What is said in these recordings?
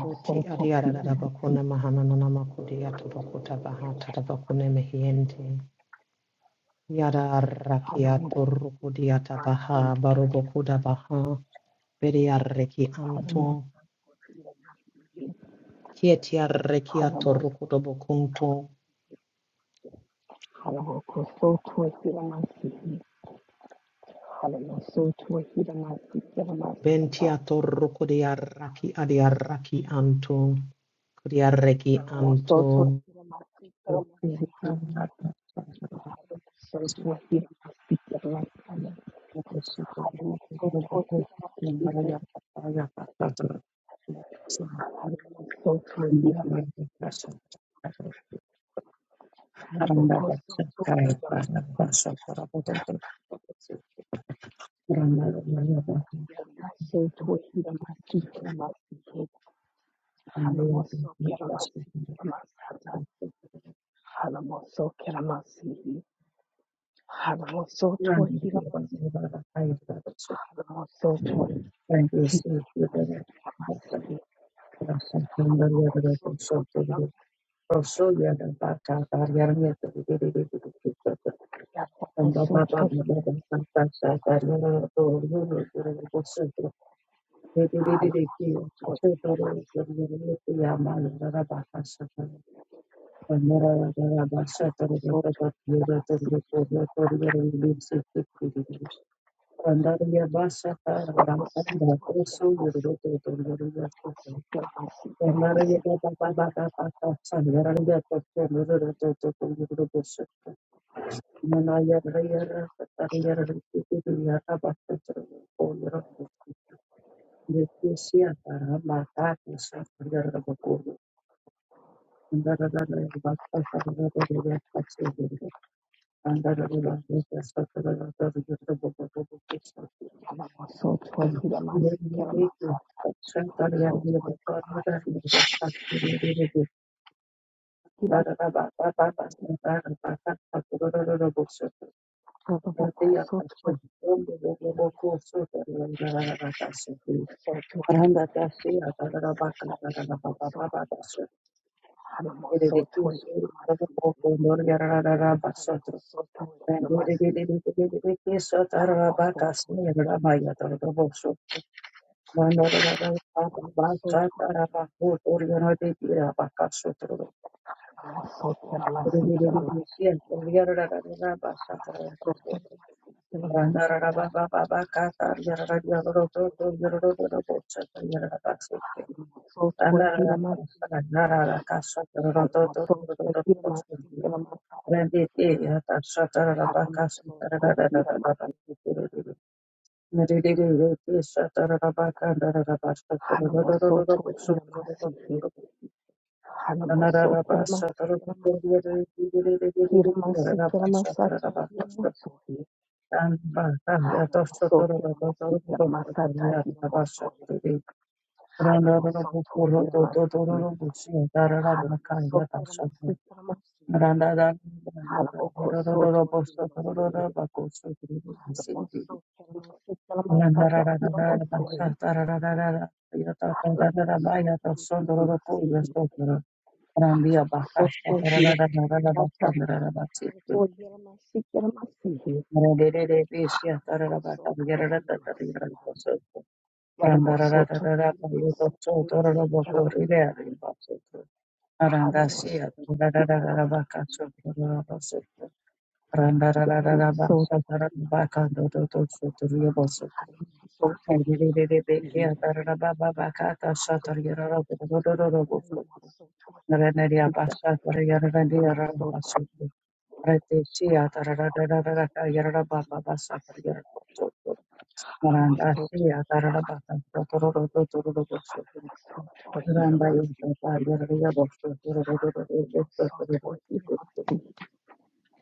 Uti adiarara bakuna mahana nana makudiato bakuta bahata da bakune mehiente. Yara rakiato rukudiata baha barobokuda baha. Beriarreki anto. Kietiarrekiato rukudo bokunto. Bentiato rukudiarraki adiarraki anto. Kudiarreki anto.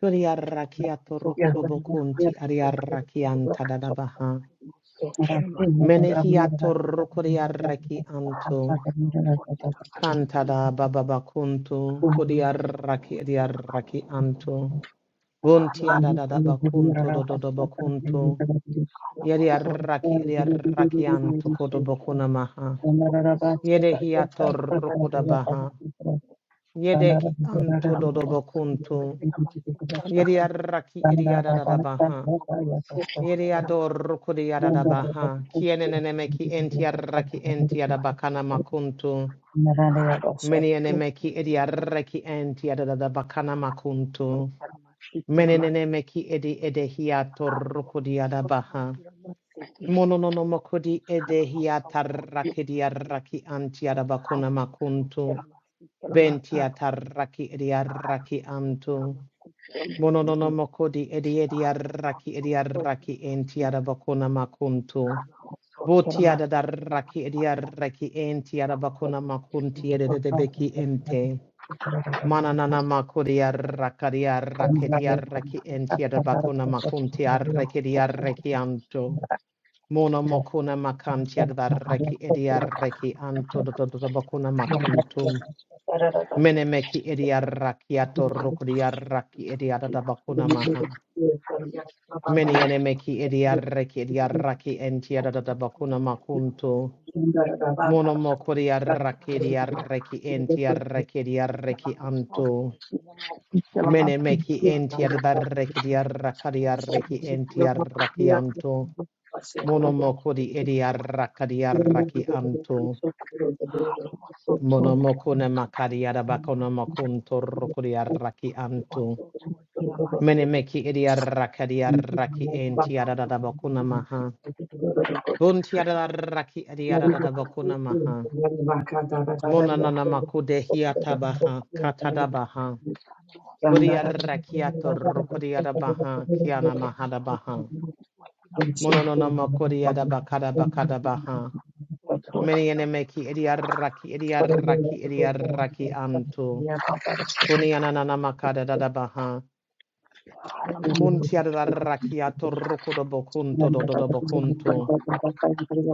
Kudiarrakiato rukudo bokunti adiarraki anta da da baha. Menehiato rukudiarraki anto. Kantada bababa kuntu kudiarraki diarraki antu. Buntiada da da bakunto do do do bakunto. Yediarraki diarraki antu kodo bakuna maha. Yede hiator kuda baha. Yede ki antu do do bakunto. Yediarraki diada da da baha. Yediador kudiada da baha. Kienenene meki entiarraki entiada bakana makunto. Menene meki edi arreki enti adada da bakana makuntu. Menene meki edi edehiato rukudi adabaha. Mononono mokudi edehiata rakidi arraki anti adabakuna makuntu. Benti atarraki edi arraki antu. Mononono mokudi edi edi arraki edi arraki enti adabakuna makuntu. Boti adadarraki edi arraki enti adabakuna makunti ededebeki ente. Mananana makuria rakaria raketia raki entia de bakuna makuntia rekedia rekianto. Mono mokuna makantia da reki edia reki anto do do do do bakuna makuntum. Menemeki edia rakiato rokodia raki edia da bakuna maha. Meni enemeki edia reki edia raki entia da da bakuna makunto. Mono mokuria rakedia reki entia rekedia reki anto. Mene meki enti adarreki arrakadi arreki enti arraki anto. Monomoko di edi arrakadi arraki anto. Monomoko ne makadi adabakono mokunto rokodi arraki anto. Mene meki edi arrakadi arraki enti adadabakuna maha. Bunti adarraki edi adadabakuna maha. Monanamako de hiatabaha katadabaha. Budi arrakiato rokodi adabaha kiana mahadabaha. Mononoma Koriada Bakada Bakada Baha. Many enemeki idiaraki idiaraki idiaraki anto. Kunianana Makada Dada Baha. Muntiada Rakiato Rokodo Bokunto do Bokunto.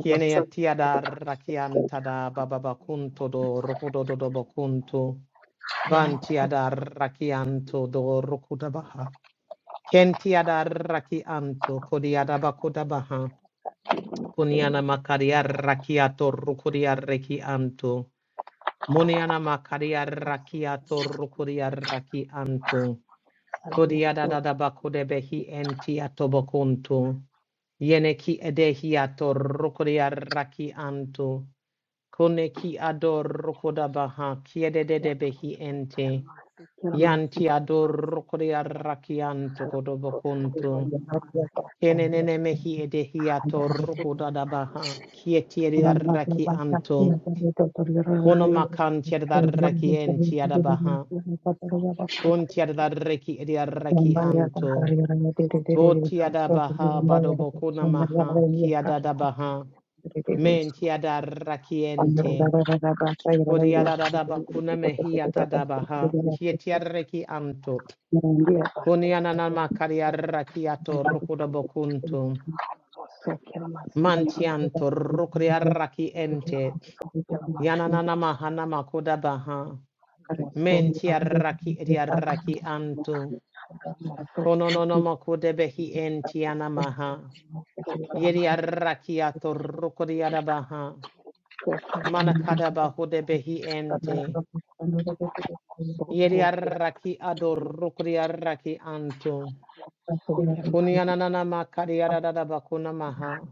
Kiene Tiada Rakiantada Baba Bakunto do Rokodo do Bokunto. Bantiada Rakianto do Rokoda Baha. Kentiada Rakianto Kodiada Bakoda Baha. Kuniana makaria rakiato rukuria reki anto. Muniana makaria rakiato rukuria raki anto. Kodiada dadaba kodebehi enti atobokunto. Yeneki edehiato rukuria raki anto. Koneki ador rukodabaha kiedededebehi ente. Yanti ador rukuria raki anto kodobokunto. Kenenene mehi edehiato rukodadabaha. Kietieri darraki anto. Kono makan tier darraki en tiadabaha. Kun tier darraki ediarraki anto. Votiadabaha badobokuna maha. Kiadadabaha. Men tiadarraki ente. Kodiadadabakuna mehi atadabaha. Kietiarraki anto. Kunianana makariarraki ato rukodabokunto. Mantianto rukria raki ente. Yananana mahana makuda baha. Mentia raki Mentiaraki raki anto. Kononono makude behi entiana maha. Yedia raki ato rukria rukriara baha. Manakada bahude behi ente. Yediaraki ado rukria raki anto. Kunyananana makariara bakuna maha.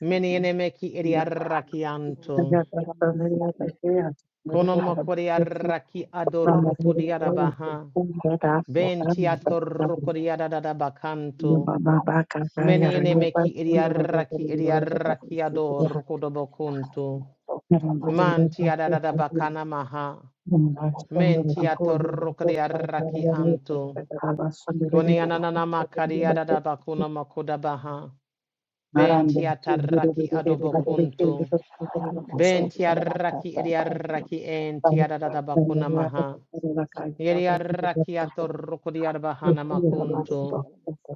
Meni enemeki edia raki anto. Kono mokori arraki adorruku diarabaha. Benti atorruku diaradabakanto. Meni enemeki idiarraki idiarraki adorruku dobokunto. Manti adadabakana maha. Menti atorruku diarraki anto. Koni ananana makari adadabakuna mokodabaha. Benti atarraki adobokunto. Benti arraki idiarraki enti adadabakuna maha. Yeriarakiato rokodiar bahana makunto.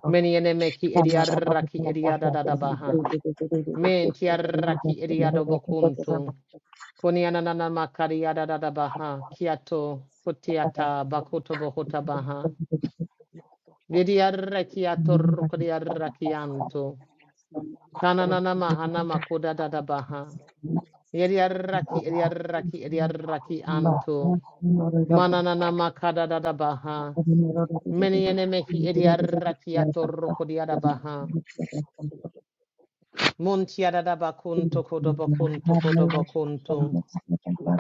Meniene meki ediaraki ediada da baha. Men tiaraki ediado bokunto. Konianana makariada da baha. Kiato kotiata bakuto bohuta baha. Vidiarakiato rakianto. Kananana mahana makuda da baha. Yeriaraki ediaraki ediaraki anto. Mananana makada da baha. Menene mehi ediarrakia torroco diadabaha. Muntiadabacun tocodobocun tocodobocunto.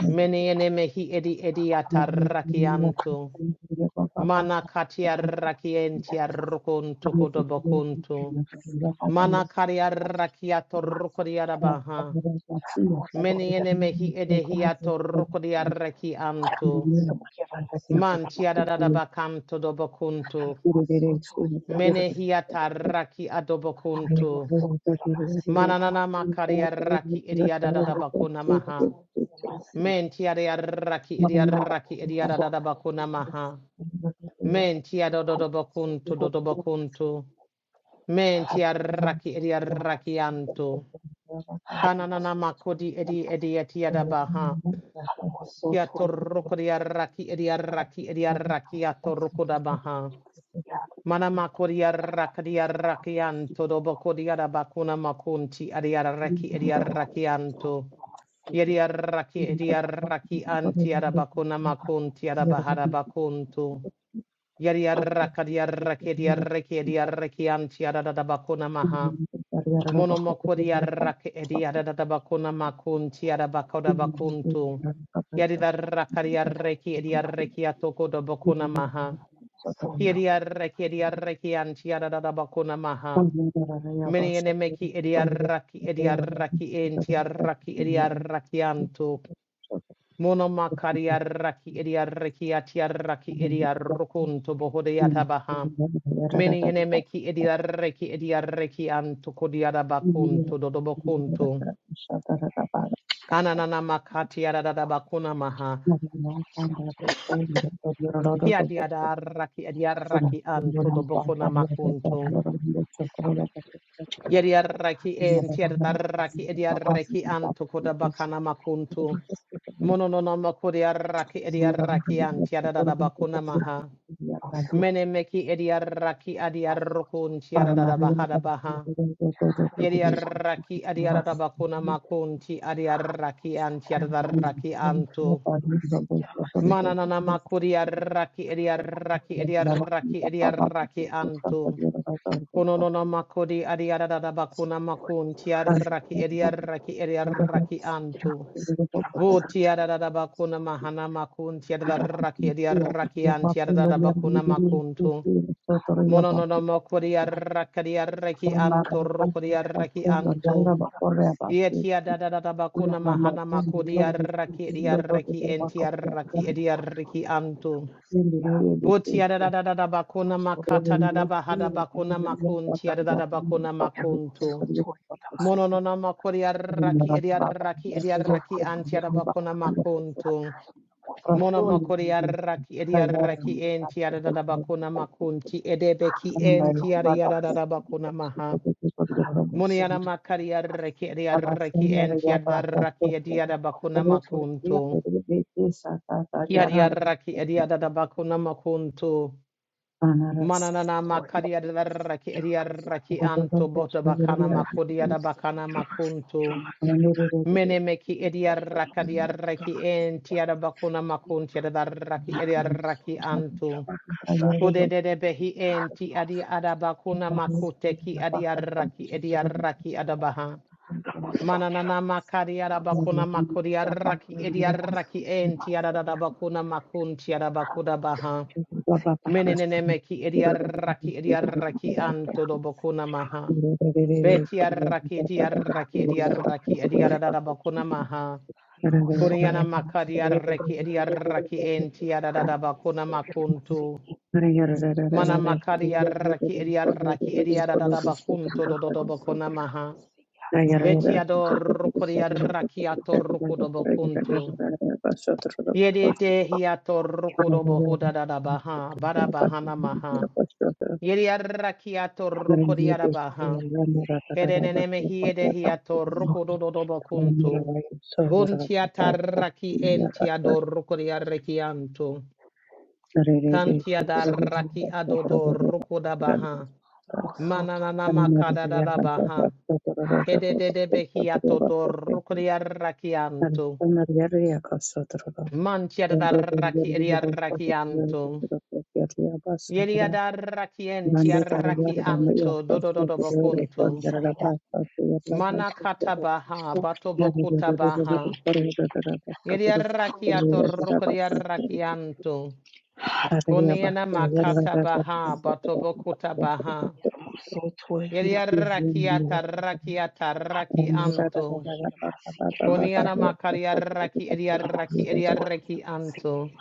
Menene mehi edi ediatarrakianto. Mana catiarrakientia rocun tocodobocunto. Mana cariarrakia torroco diadabaha. Menene mehi edehiato roco diarrakianto. Mantiadadabacanto dobocunto. Menehiatarraki adobocunto. Mananana makaria raki idiada da bakuna maha. Men tiaria raki idia raki idiada da bakuna maha. Men tiado do bakuntu do bakuntu. Men tia raki idia rakianto. Kananana makodi edi edia tiada baha. Kiato rokodia raki idia raki idia rakiato rokoda baha. Mana makoria rakadia rakianto dobo kodia da bakuna makunti adia raki adia rakianto. Yedia raki adia raki anti ada bakuna makunti ada bahada bakunto. Yedia rakadia raki raki adia raki ada da bakuna maha. Mono mokodia raki adia da da bakuna makunti ada bakoda bakunto. Yedia rakadia raki adia raki atoko do maha. Kiriaraki idiaraki antiaradabakuna maha. Many enemeki ediaraki idiaraki antiaraki idiaraki anto. Monoma kariaraki ediaraki atiaraki idiarukunto bohodeyatabaha. Many enemeki idiaraki idiaraki anto kodiarabakunto dodobokunto. Kananana makati aradabakuna maha. Kiadiadaraki ediaraki anto dobokuna makunto. Yediaraki en tiadaraki ediaraki anto kodabakana makuntu. Mononono makodiaraki ediaraki an tiadadabakuna maha. Menemeki ediaraki adiarukun tiadadabahada baha. Yediaraki adiadabakuna makunti adiaraki an tiadaraki anto. Mananana makodiaraki ediaraki ediaraki ediaraki anto. Kononona makodi adiadada bakuna makun tiaraki ediaraki ediaraki antu. Bu tiadada bakuna mahana makun tiadaraki ediaraki an tiadada bakuna makuntu. Mononono makodi arakadi araki antu rukodi araki antu. Yetiadada bakuna mahana makodi araki ediaraki entiaraki ediaraki antu. Butia da da da da da bakuna makata da da bahada bakuna makun tia da da bakuna makuntu. Mono no no makori arraki edi arraki edi arraki antia da bakuna makuntu. Mono makori arraki edi arraki entia da da da bakuna makunti edebeki entia da ya da da bakuna maha. Muniana makari arraki edi arraki entia da arraki edi da bakuna makuntu. Kia di arraki edi da da bakuna makuntu. Mananana makaria da raki eria raki anto boto bakana makodia da bakana makunto. Mene meki eria rakadia raki entia da bakuna makuntia da raki eria raki anto. kode de de behi enti adi adabakuna makute ki adi arraki edi arraki adabaha. Mananana makari adabakuna makuri arraki edi arraki enti adadabakuna makunti adabakuda baha. Meninene ki idiaraki idiaraki anto do bokuna maha. Betiaraki idiaraki idiaraki idiarada bokuna maha. Kuniana makadiaraki idiaraki entiarada bokuna makuntu. Mana makadiaraki idiaraki idiarada bakunto do do do bokuna maha. Betiador rukuriaraki atorruku do bokuntu. Yedite hiatorruku do bohuda da da baha. Bara bahana maha. Yeriarakiato rokodiarabaha. Kedeneneme hiedehiato rokodododobokuntu. Buntiataraki entiado rokodiarakianto. Kantiadaraki adodo rokodabaha. Manananama kadadabaha. Kedededebehiato do rokodiarakianto. Mantiadaraki eriarakianto. Yeriadaraki entiarakianto dodododobokuntu. Manakata baha, batobokuta baha. Yediarakiato rukodiarakianto. Kuniana makata baha, batobokuta baha. Yediarakiata rakiata rakianto. Kuniana makariaraki ediaraki ediaraki anto.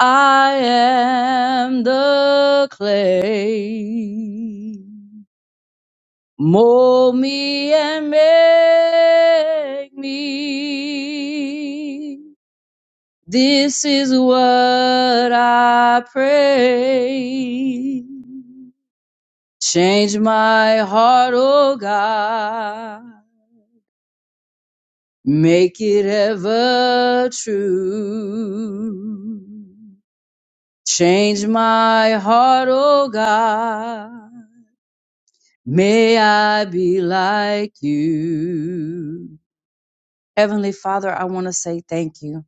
I am the clay. Mold me and make me. This is what I pray. Change my heart, oh God. Make it ever true. Change my heart, oh God May I be like you. Heavenly Father, I want to say thank you.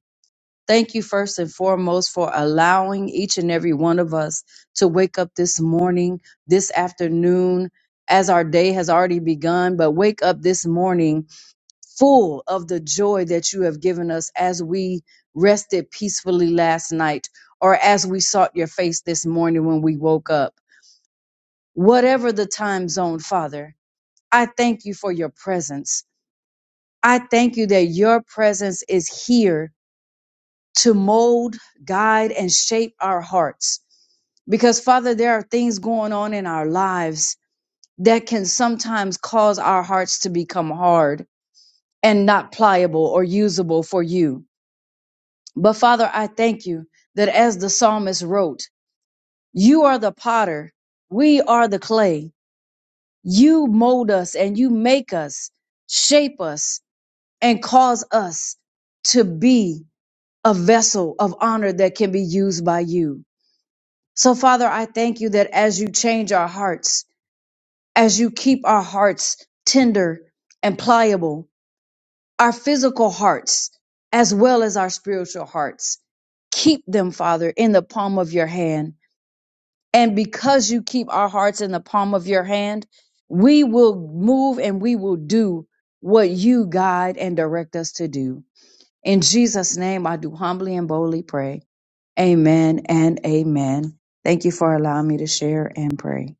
Thank you first and foremost for allowing each and every one of us to wake up this morning, this afternoon, as our day has already begun, but wake up this morning full of the joy that you have given us as we rested peacefully last night or as we sought your face this morning when we woke up. Whatever the time zone, Father, I thank you for your presence. I thank you that your presence is here to mold, guide, and shape our hearts. Because, Father, there are things going on in our lives that can sometimes cause our hearts to become hard and not pliable or usable for you. But, Father, I thank you that as the psalmist wrote, you are the potter, we are the clay. You mold us and you make us, shape us, and cause us to be a vessel of honor that can be used by you. So, Father, I thank you that as you change our hearts, as you keep our hearts tender and pliable, our physical hearts as well as our spiritual hearts, keep them, Father, in the palm of your hand. And because you keep our hearts in the palm of your hand, we will move and we will do what you guide and direct us to do. In Jesus' name, I do humbly and boldly pray. Amen and amen. Thank you for allowing me to share and pray.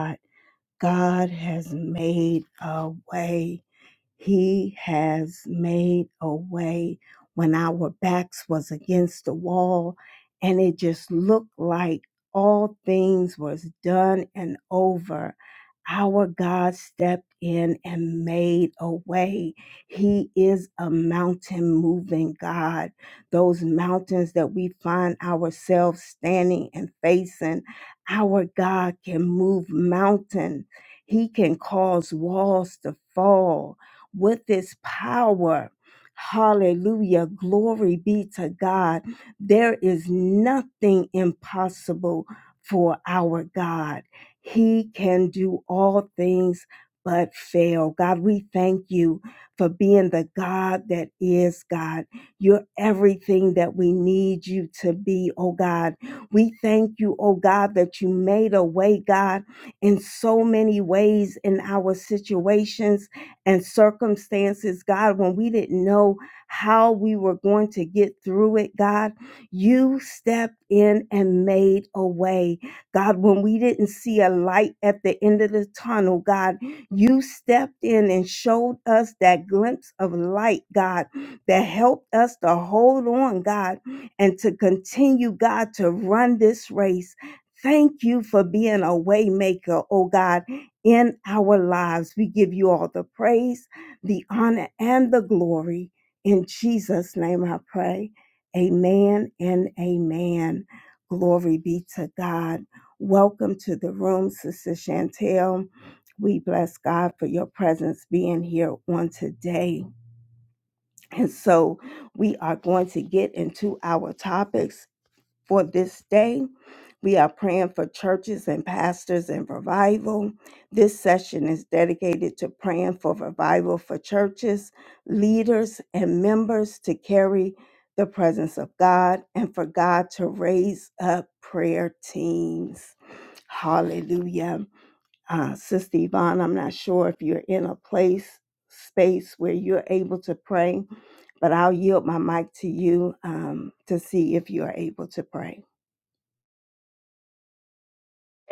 Lord.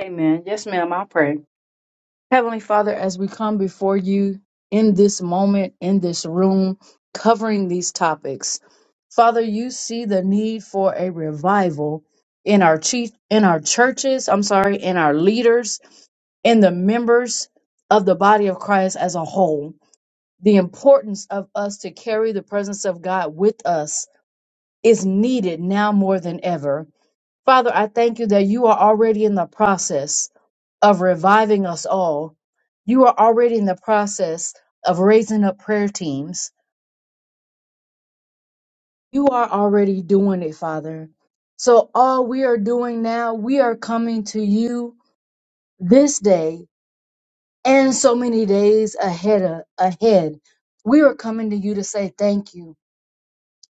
Amen. Yes, ma'am, I'll pray. Heavenly Father, as we come before you in this moment, in this room, covering these topics, Father, you see the need for a revival in our chief, in our churches, I'm sorry, in our leaders, in the members of the body of Christ as a whole. The importance of us to carry the presence of God with us is needed now more than ever. Father, I thank you that you are already in the process of reviving us all. You are already in the process of raising up prayer teams. You are already doing it, Father. So, all we are doing now, we are coming to you this day and so many days ahead. ahead. We are coming to you to say thank you.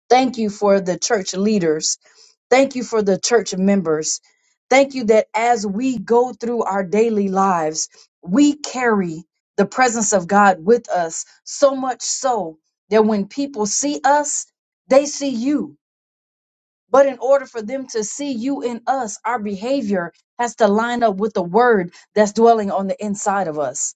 Thank you for the church leaders. Thank you for the church members. Thank you that as we go through our daily lives, we carry the presence of God with us so much so that when people see us, they see you. But in order for them to see you in us, our behavior has to line up with the word that's dwelling on the inside of us.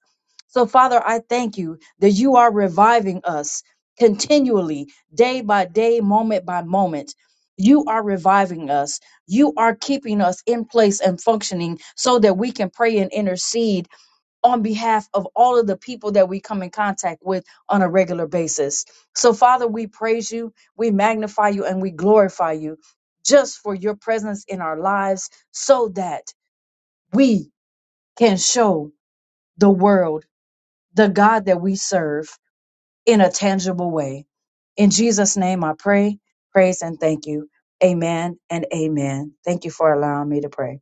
So, Father, I thank you that you are reviving us continually, day by day, moment by moment. You are reviving us. You are keeping us in place and functioning so that we can pray and intercede on behalf of all of the people that we come in contact with on a regular basis. So, Father, we praise you, we magnify you, and we glorify you just for your presence in our lives so that we can show the world the God that we serve in a tangible way. In Jesus' name, I pray, praise, and thank you. Amen and amen. Thank you for allowing me to pray.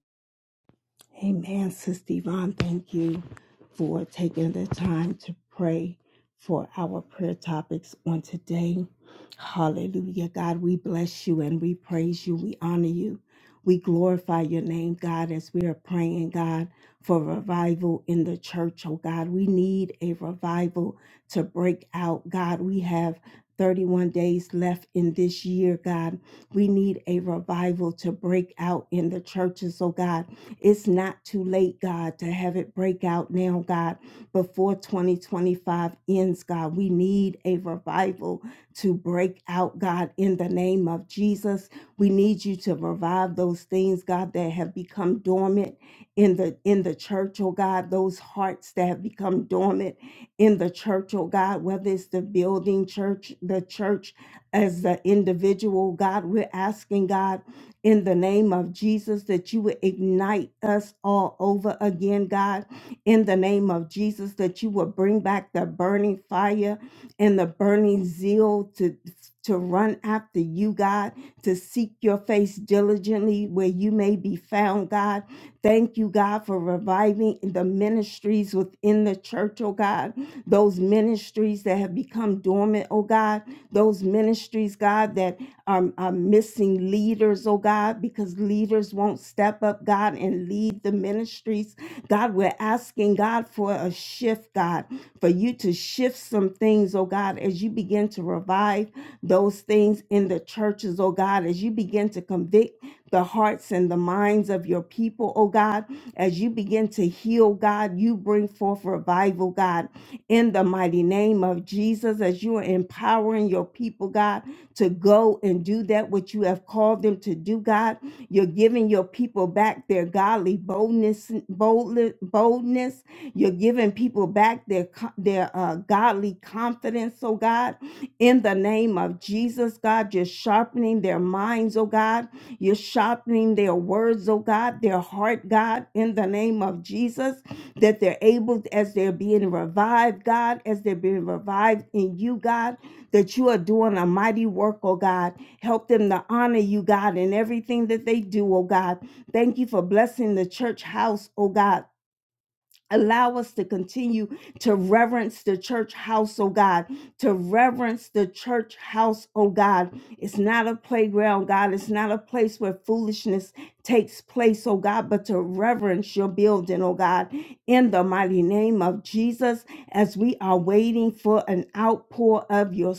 You're giving your people back their godly boldness, boldness, boldness. You're giving people back their co- their uh, godly confidence, oh God. In the name of Jesus, God, you're sharpening their minds, oh God. You're sharpening their words, oh God, their heart, God. In the name of Jesus, that they're able, as they're being revived, God, as they're being revived in you, God, that you are doing a mighty work, oh God help.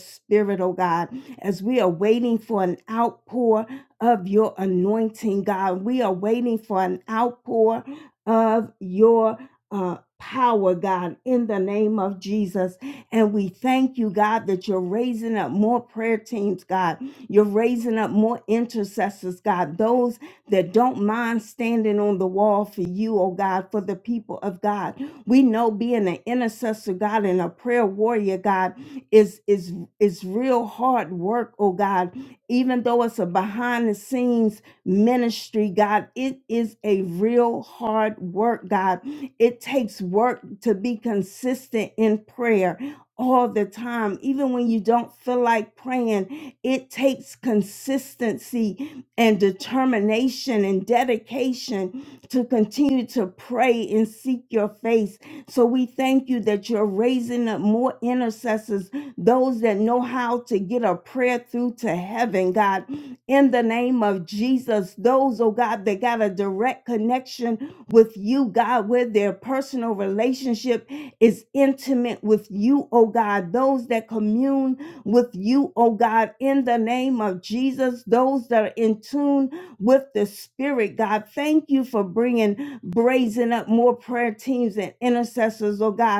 your spirit, oh God, as we are waiting for an outpour of your anointing, God. We are waiting for an outpour of your uh, power, God, in the name of Jesus. And we thank you, God, that you're raising up more prayer teams, God. You're raising up more intercessors, God, those that don't mind standing on the wall for you, oh God, for the people of God. We know being an intercessor, God, and a prayer warrior, God, is is it's real hard work, oh God. Even though it's a behind the scenes ministry, God, it is a real hard work, God. It takes work to be consistent in prayer all the time. Even when you don't feel like praying, it takes consistency and determination and dedication to continue to pray and seek your face. So we thank you that you're raising up more intercessors those that know how to get a prayer through to heaven, God, in the name of Jesus. Those, oh God, that got a direct connection with you, God, where their personal relationship is intimate with you, oh God. Those that commune with you, oh God, in the name of Jesus. Those that are in tune with the Spirit, God. Thank you for bringing, brazen up more prayer teams and intercessors, oh God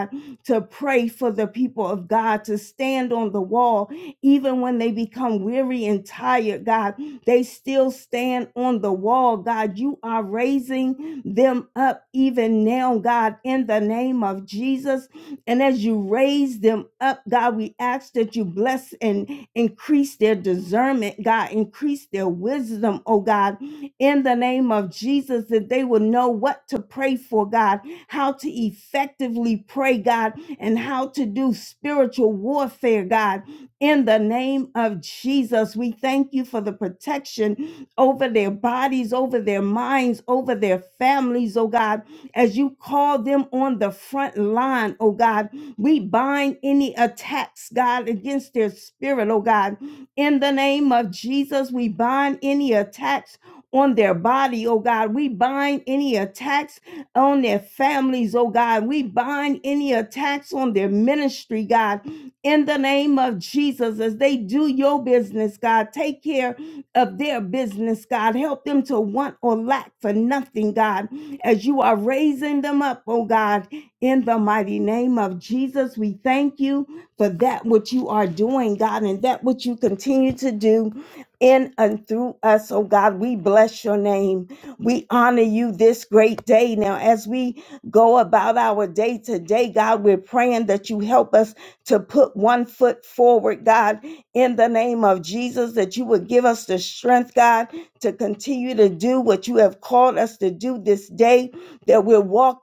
to pray for the people of God, to stand on the wall, even when they become weary and tired, God, they still stand on the wall, God. You are raising them up even now, God, in the name of Jesus. And as you raise them up, God, we ask that you bless and increase their discernment, God, increase their wisdom, oh God, in the name of Jesus, that they will know what to pray for, God how to effectively pray, God, and how to do spiritual warfare, God. In the name of Jesus, we thank you for the protection over their bodies, over their minds, over their families, oh God, as you call them on the front line, oh God. We bind any attacks, God, against their spirit, oh God. In the name of Jesus, we bind any attacks on their body, oh God. We bind any attacks on their families, oh God. We bind any attacks on their ministry, God, in the name of Jesus, as they do your business, God. Take care of their business, God. Help them to want or lack for nothing, God, as you are raising them up, oh God, in the mighty name of Jesus. We thank you for that which you are doing, God, and that which you continue to do. God, continue to do what you have day that we're walking.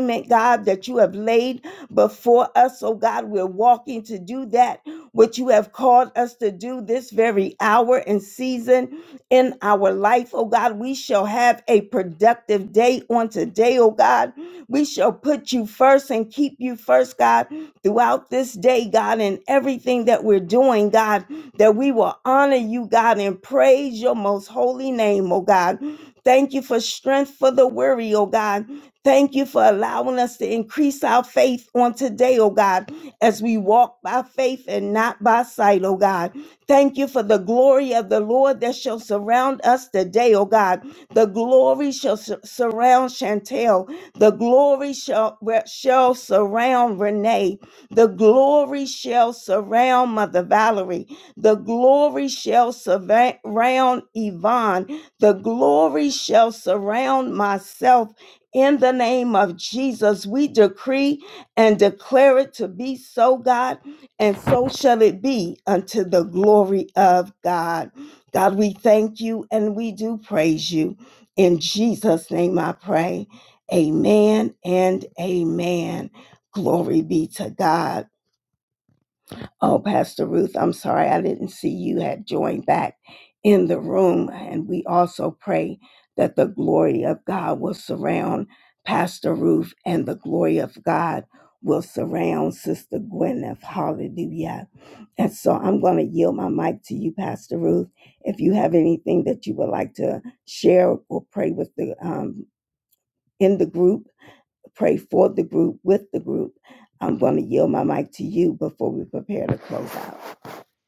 assignment, God, that you have laid before us. Oh God, we're walking to do that which you have called us to do this very hour and season in our life. Oh God, we shall have a productive day on today. Oh God, we shall put you first and keep you first, God, throughout this day, God, and everything that we're doing, God, that we will honor you, God, and praise your most holy name, oh God. Thank you for strength.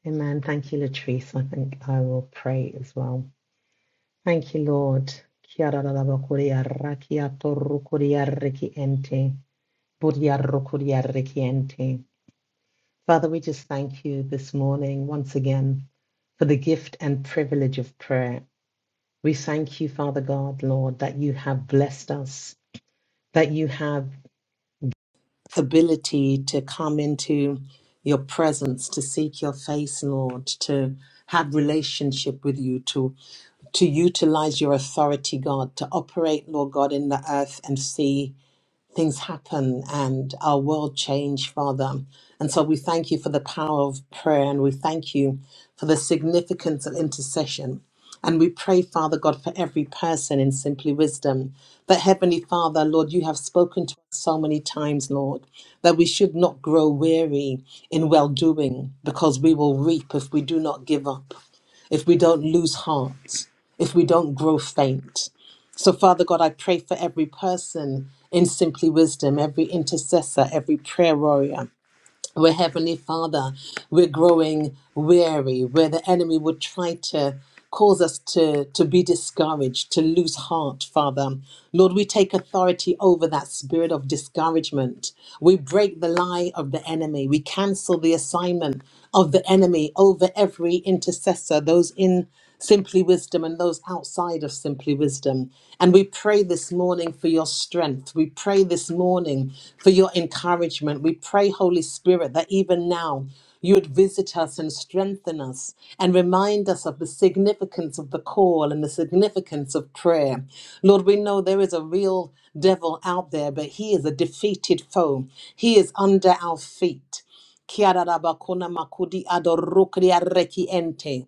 Amen. Thank you, Latrice. I think I will pray as well. Thank you, Lord. Kiararabakuriarakiato rukodiaraki ente. Buriarokuriaraki ente. Father, we just thank you this morning once again for the gift and privilege of prayer. We thank you, Father God, Lord, that you have blessed us, that you have ability to come into your presence, to seek your face, Lord, to have relationship with you, to to utilize your authority, God, to operate, Lord God, in the earth and sea things happen and our world change, Father. And so we thank you for the power of prayer and we thank you for the significance of intercession. And we pray, Father God, for every person in simply wisdom. That Heavenly Father, Lord, you have spoken to us so many times, Lord, that we should not grow weary in well doing because we will reap if we do not give up if we don't lose heart, if we don't grow faint. So, Father God, I pray for every person in Simply Wisdom, every intercessor, every prayer warrior. Where Heavenly Father, we're growing weary, where the enemy would try to cause us to, to be discouraged, to lose heart, Father. Lord, we take authority over that spirit of discouragement. We break the lie of the enemy. We cancel the assignment of the enemy over every intercessor, those in Simply Wisdom and those outside of Simply Wisdom. And we pray this morning for your strength. We pray this morning for your encouragement. We pray, Holy Spirit, that even now you would visit us and strengthen us and remind us of the significance of the call and the significance of prayer. Lord, we know there is a real devil out there, but he is a defeated foe, he is under our feet. Kiarabakuna makudi adorukria reki ente.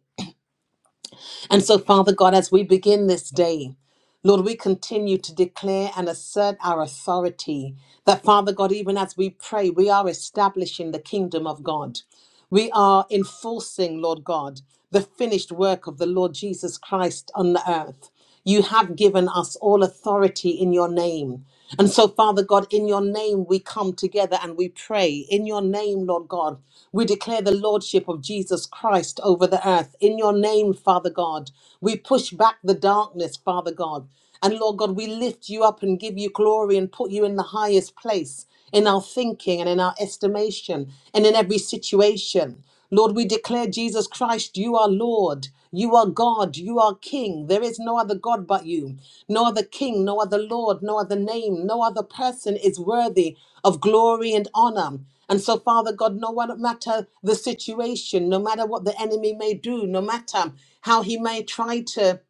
And so, Father God, as we begin this day, Lord, we continue to declare and assert our authority that, Father God, even as we pray, we are establishing the kingdom of God. We are enforcing, Lord God, the finished work of the Lord Jesus Christ on the earth. You have given us all authority in your name. And so, Father God, in your name we come together and we pray. In your name, Lord God, we declare the Lordship of Jesus Christ over the earth. In your name, Father God, we push back the darkness, Father God. And Lord God, we lift you up and give you glory and put you in the highest place in our thinking and in our estimation and in every situation. Lord, we declare Jesus Christ, you are Lord. You are God. You are King. There is no other God but you, no other King, no other Lord, no other name, no other person is worthy of glory and honor. And so, Father God, no one- no matter the situation, no matter what the enemy may do, no matter how he may try to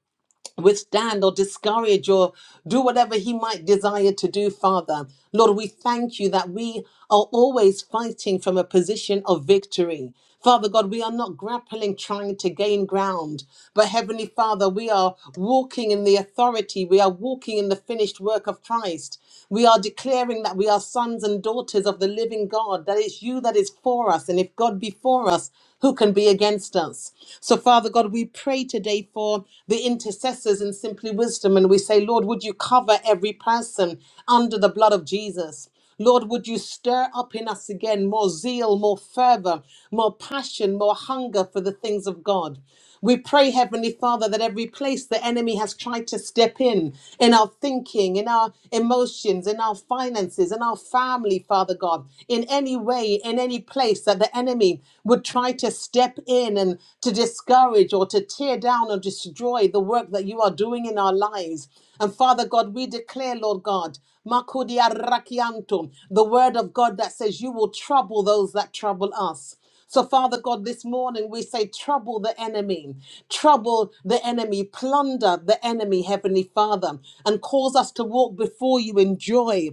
withstand or discourage or do whatever he might desire to do, Father. Lord, we thank you that we are always fighting from a position of victory. Father God, we are not grappling trying to gain ground, but Heavenly Father, we are walking in the authority, we are walking in the finished work of Christ. We are declaring that we are sons and daughters of the living God, that it's you that is for us. And if God be for us, who can be against us? So, Father God, we pray today for the intercessors in Simply Wisdom. And we say, Lord, would you cover every person under the blood of Jesus? Lord, would you stir up in us again more zeal, more fervor, more passion, more hunger for the things of God? We pray, Heavenly Father, that every place the enemy has tried to step in, in our thinking, in our emotions, in our finances, in our family, Father God, in any way, in any place that the enemy would try to step in and to discourage or to tear down or destroy the work that you are doing in our lives. And Father God, we declare, Lord God, Makudia rakianto, the word of God that says, You will trouble those that trouble us. So, Father God, this morning we say, trouble the enemy, trouble the enemy, plunder the enemy, Heavenly Father, and cause us to walk before you in joy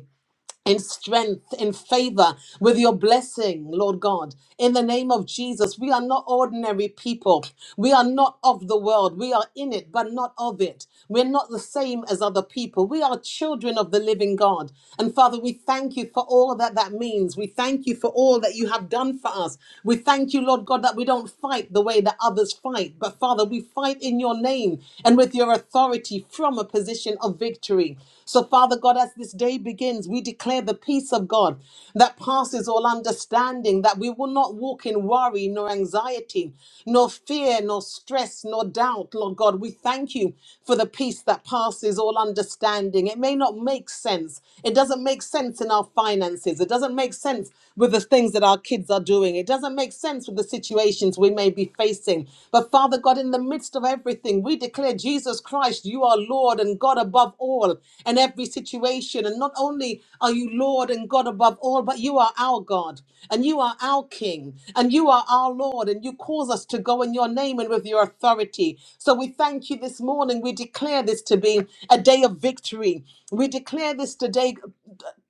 in strength, in favor, with your blessing, Lord God. In the name of Jesus, we are not ordinary people. We are not of the world. We are in it, but not of it. We're not the same as other people. We are children of the living God. And Father, we thank you for all that that means. We thank you for all that you have done for us. We thank you, Lord God, that we don't fight the way that others fight, but Father, we fight in your name and with your authority from a position position of victory. So, Father God, as this day begins, we declare the peace of God that passes all understanding, that we will not walk in worry, nor anxiety, nor fear, nor stress, nor doubt. Lord God, we thank you for the peace that passes all understanding. It may not make sense. It doesn't make sense in our finances. It doesn't make sense with the things that our kids are doing. It doesn't make sense with the situations we may be facing. But Father God, Lord in the midst of everything. We declare, Jesus Christ, you are Lord and God above all and every situation. And not only are you Lord and God above all, but you are our God and you are our King and you are our Lord. And you cause us to go in your name and with your authority. So we thank you this morning. We declare this to be a day of victory. We declare this today,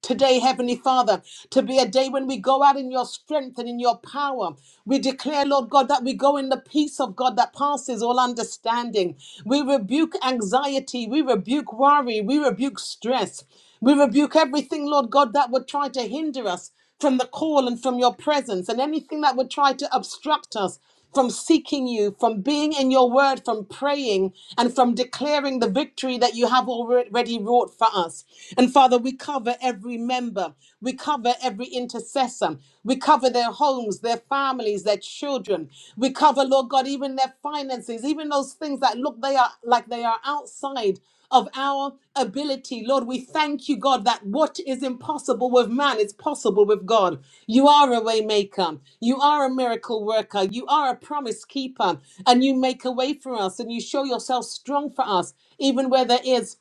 today, Heavenly Father, to be a day when we go out in your strength and in your power power. We declare, Lord God, that we go in the peace of God that passes all understanding. We rebuke anxiety. We rebuke worry. We rebuke stress. We rebuke everything, Lord God, that would try to hinder us from the call and from your presence and anything that would try to obstruct us from seeking you, from being in your word, from praying, and from declaring the victory that you have already wrought for us. And Father, we cover every member, we cover every intercessor, we cover their homes, their families, their children. We cover, Lord God, even their finances, even those things that look they are like they are outside of our ability. Lord, we thank you, God, that what is impossible with man is possible with God. You are a way maker. You are a miracle worker. You are a promise keeper. And you make a way for us and you show yourself strong for us, even where there is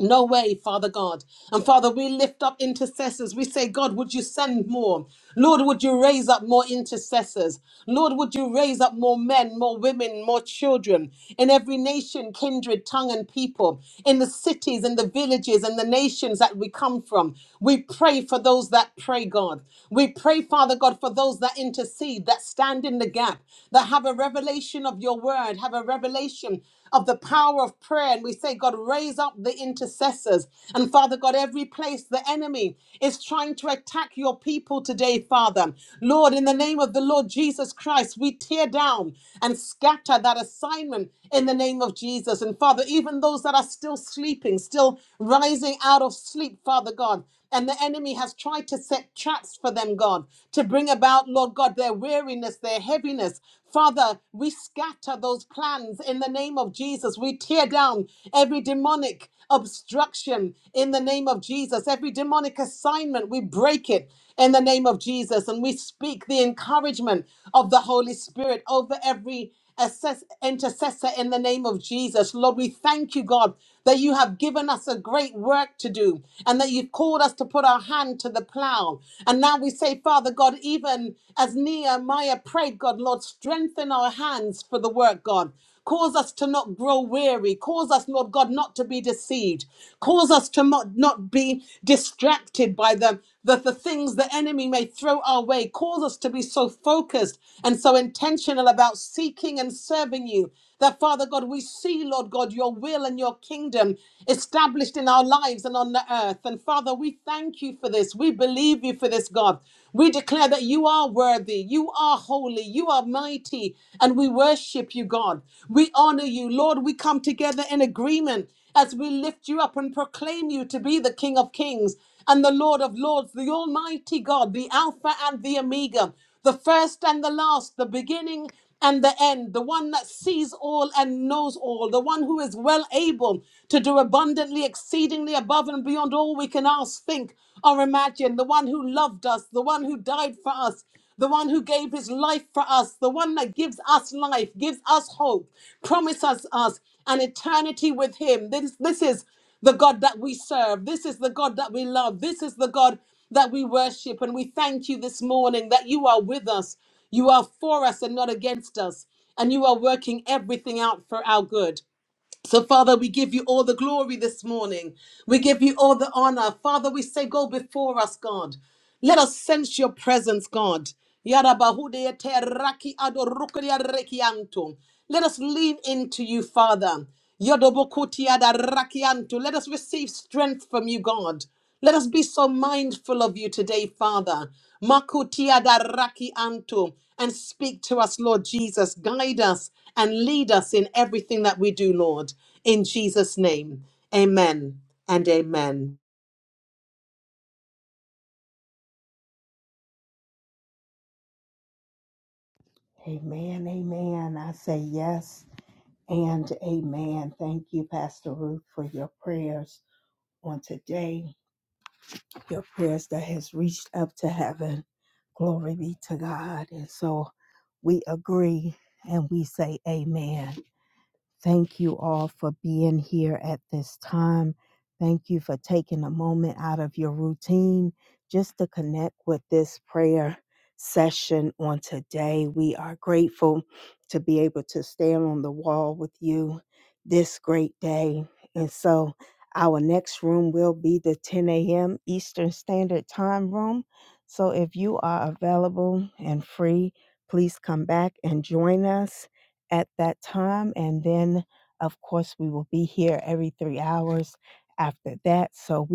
no way, Father God. And Father, we lift up intercessors. We say, God, would you send more? Lord, would you raise up more intercessors? Lord, would you raise up more men, more women, more children in every nation, kindred, tongue, and people, in the cities, in the villages, and the nations that we come from? We pray for those that pray, God. We pray, Father God, for those that intercede, that stand in the gap, that have a revelation of your word, have a revelation of the power of prayer. And we say, God, raise up the intercessors. And Father God, every place the enemy is trying to attack your people today, Father. Lord, in the name of the Lord Jesus Christ, we tear down and scatter that assignment in the name of Jesus. And Father, even those that are still sleeping, still rising out of sleep, Father God, and the enemy has tried to set traps for them, God, to bring about, Lord God, their weariness, their heaviness. Father, we scatter those plans in the name of Jesus. We tear down every demonic obstruction in the name of Jesus. Every demonic assignment, we break it in the name of Jesus. And we speak the encouragement of the Holy Spirit over every intercessor in the name of Jesus. Lord, we thank you, God, that you have given us a great work to do and that you've called us to put our hand to the plow. And now we say, Father God, even as Nehemiah prayed, God, Lord, strengthen our hands for the work, God. Cause us to not grow weary. Cause us, Lord God, not to be deceived. Cause us to not, not be distracted by the, the, the things the enemy may throw our way. Cause us to be so focused and so intentional about seeking and serving you that, Father God, we see, Lord God, your will and your kingdom established in our lives and on the earth. And, Father, we thank you for this. We believe you for this, God. We declare that you are worthy, you are holy, you are mighty, and we worship you, God. We honor you, Lord. We come together in agreement as we lift you up and proclaim you to be the King of Kings and the Lord of Lords, the Almighty God, the Alpha and the Omega the first and the last, the beginning and the end, the one that sees all and knows all, the one who is well able to do abundantly, exceedingly above and beyond all we can ask, think, or imagine, the one who loved us, the one who died for us. The one who gave his life for us, the one that gives us life, gives us hope, promises us an eternity with him. This, this is the God that we serve. This is the God that we love. This is the God that we worship. And we thank you this morning that you are with us. You are for us and not against us. And you are working everything out for our good. So, Father, we give you all the glory this morning. We give you all the honor. Father, we say, go before us, God. Let us sense your presence, God. Yarabahude te raki adorukuria rekianto. Let us lean into you, Father. Yodobokutia da rakianto. Let us receive strength from you, God. Let us be so mindful of you today, Father. Makutia daraki anto, and speak to us, Lord Jesus. Guide us and lead us in everything that we do, Lord. In Jesus' name, amen and amen.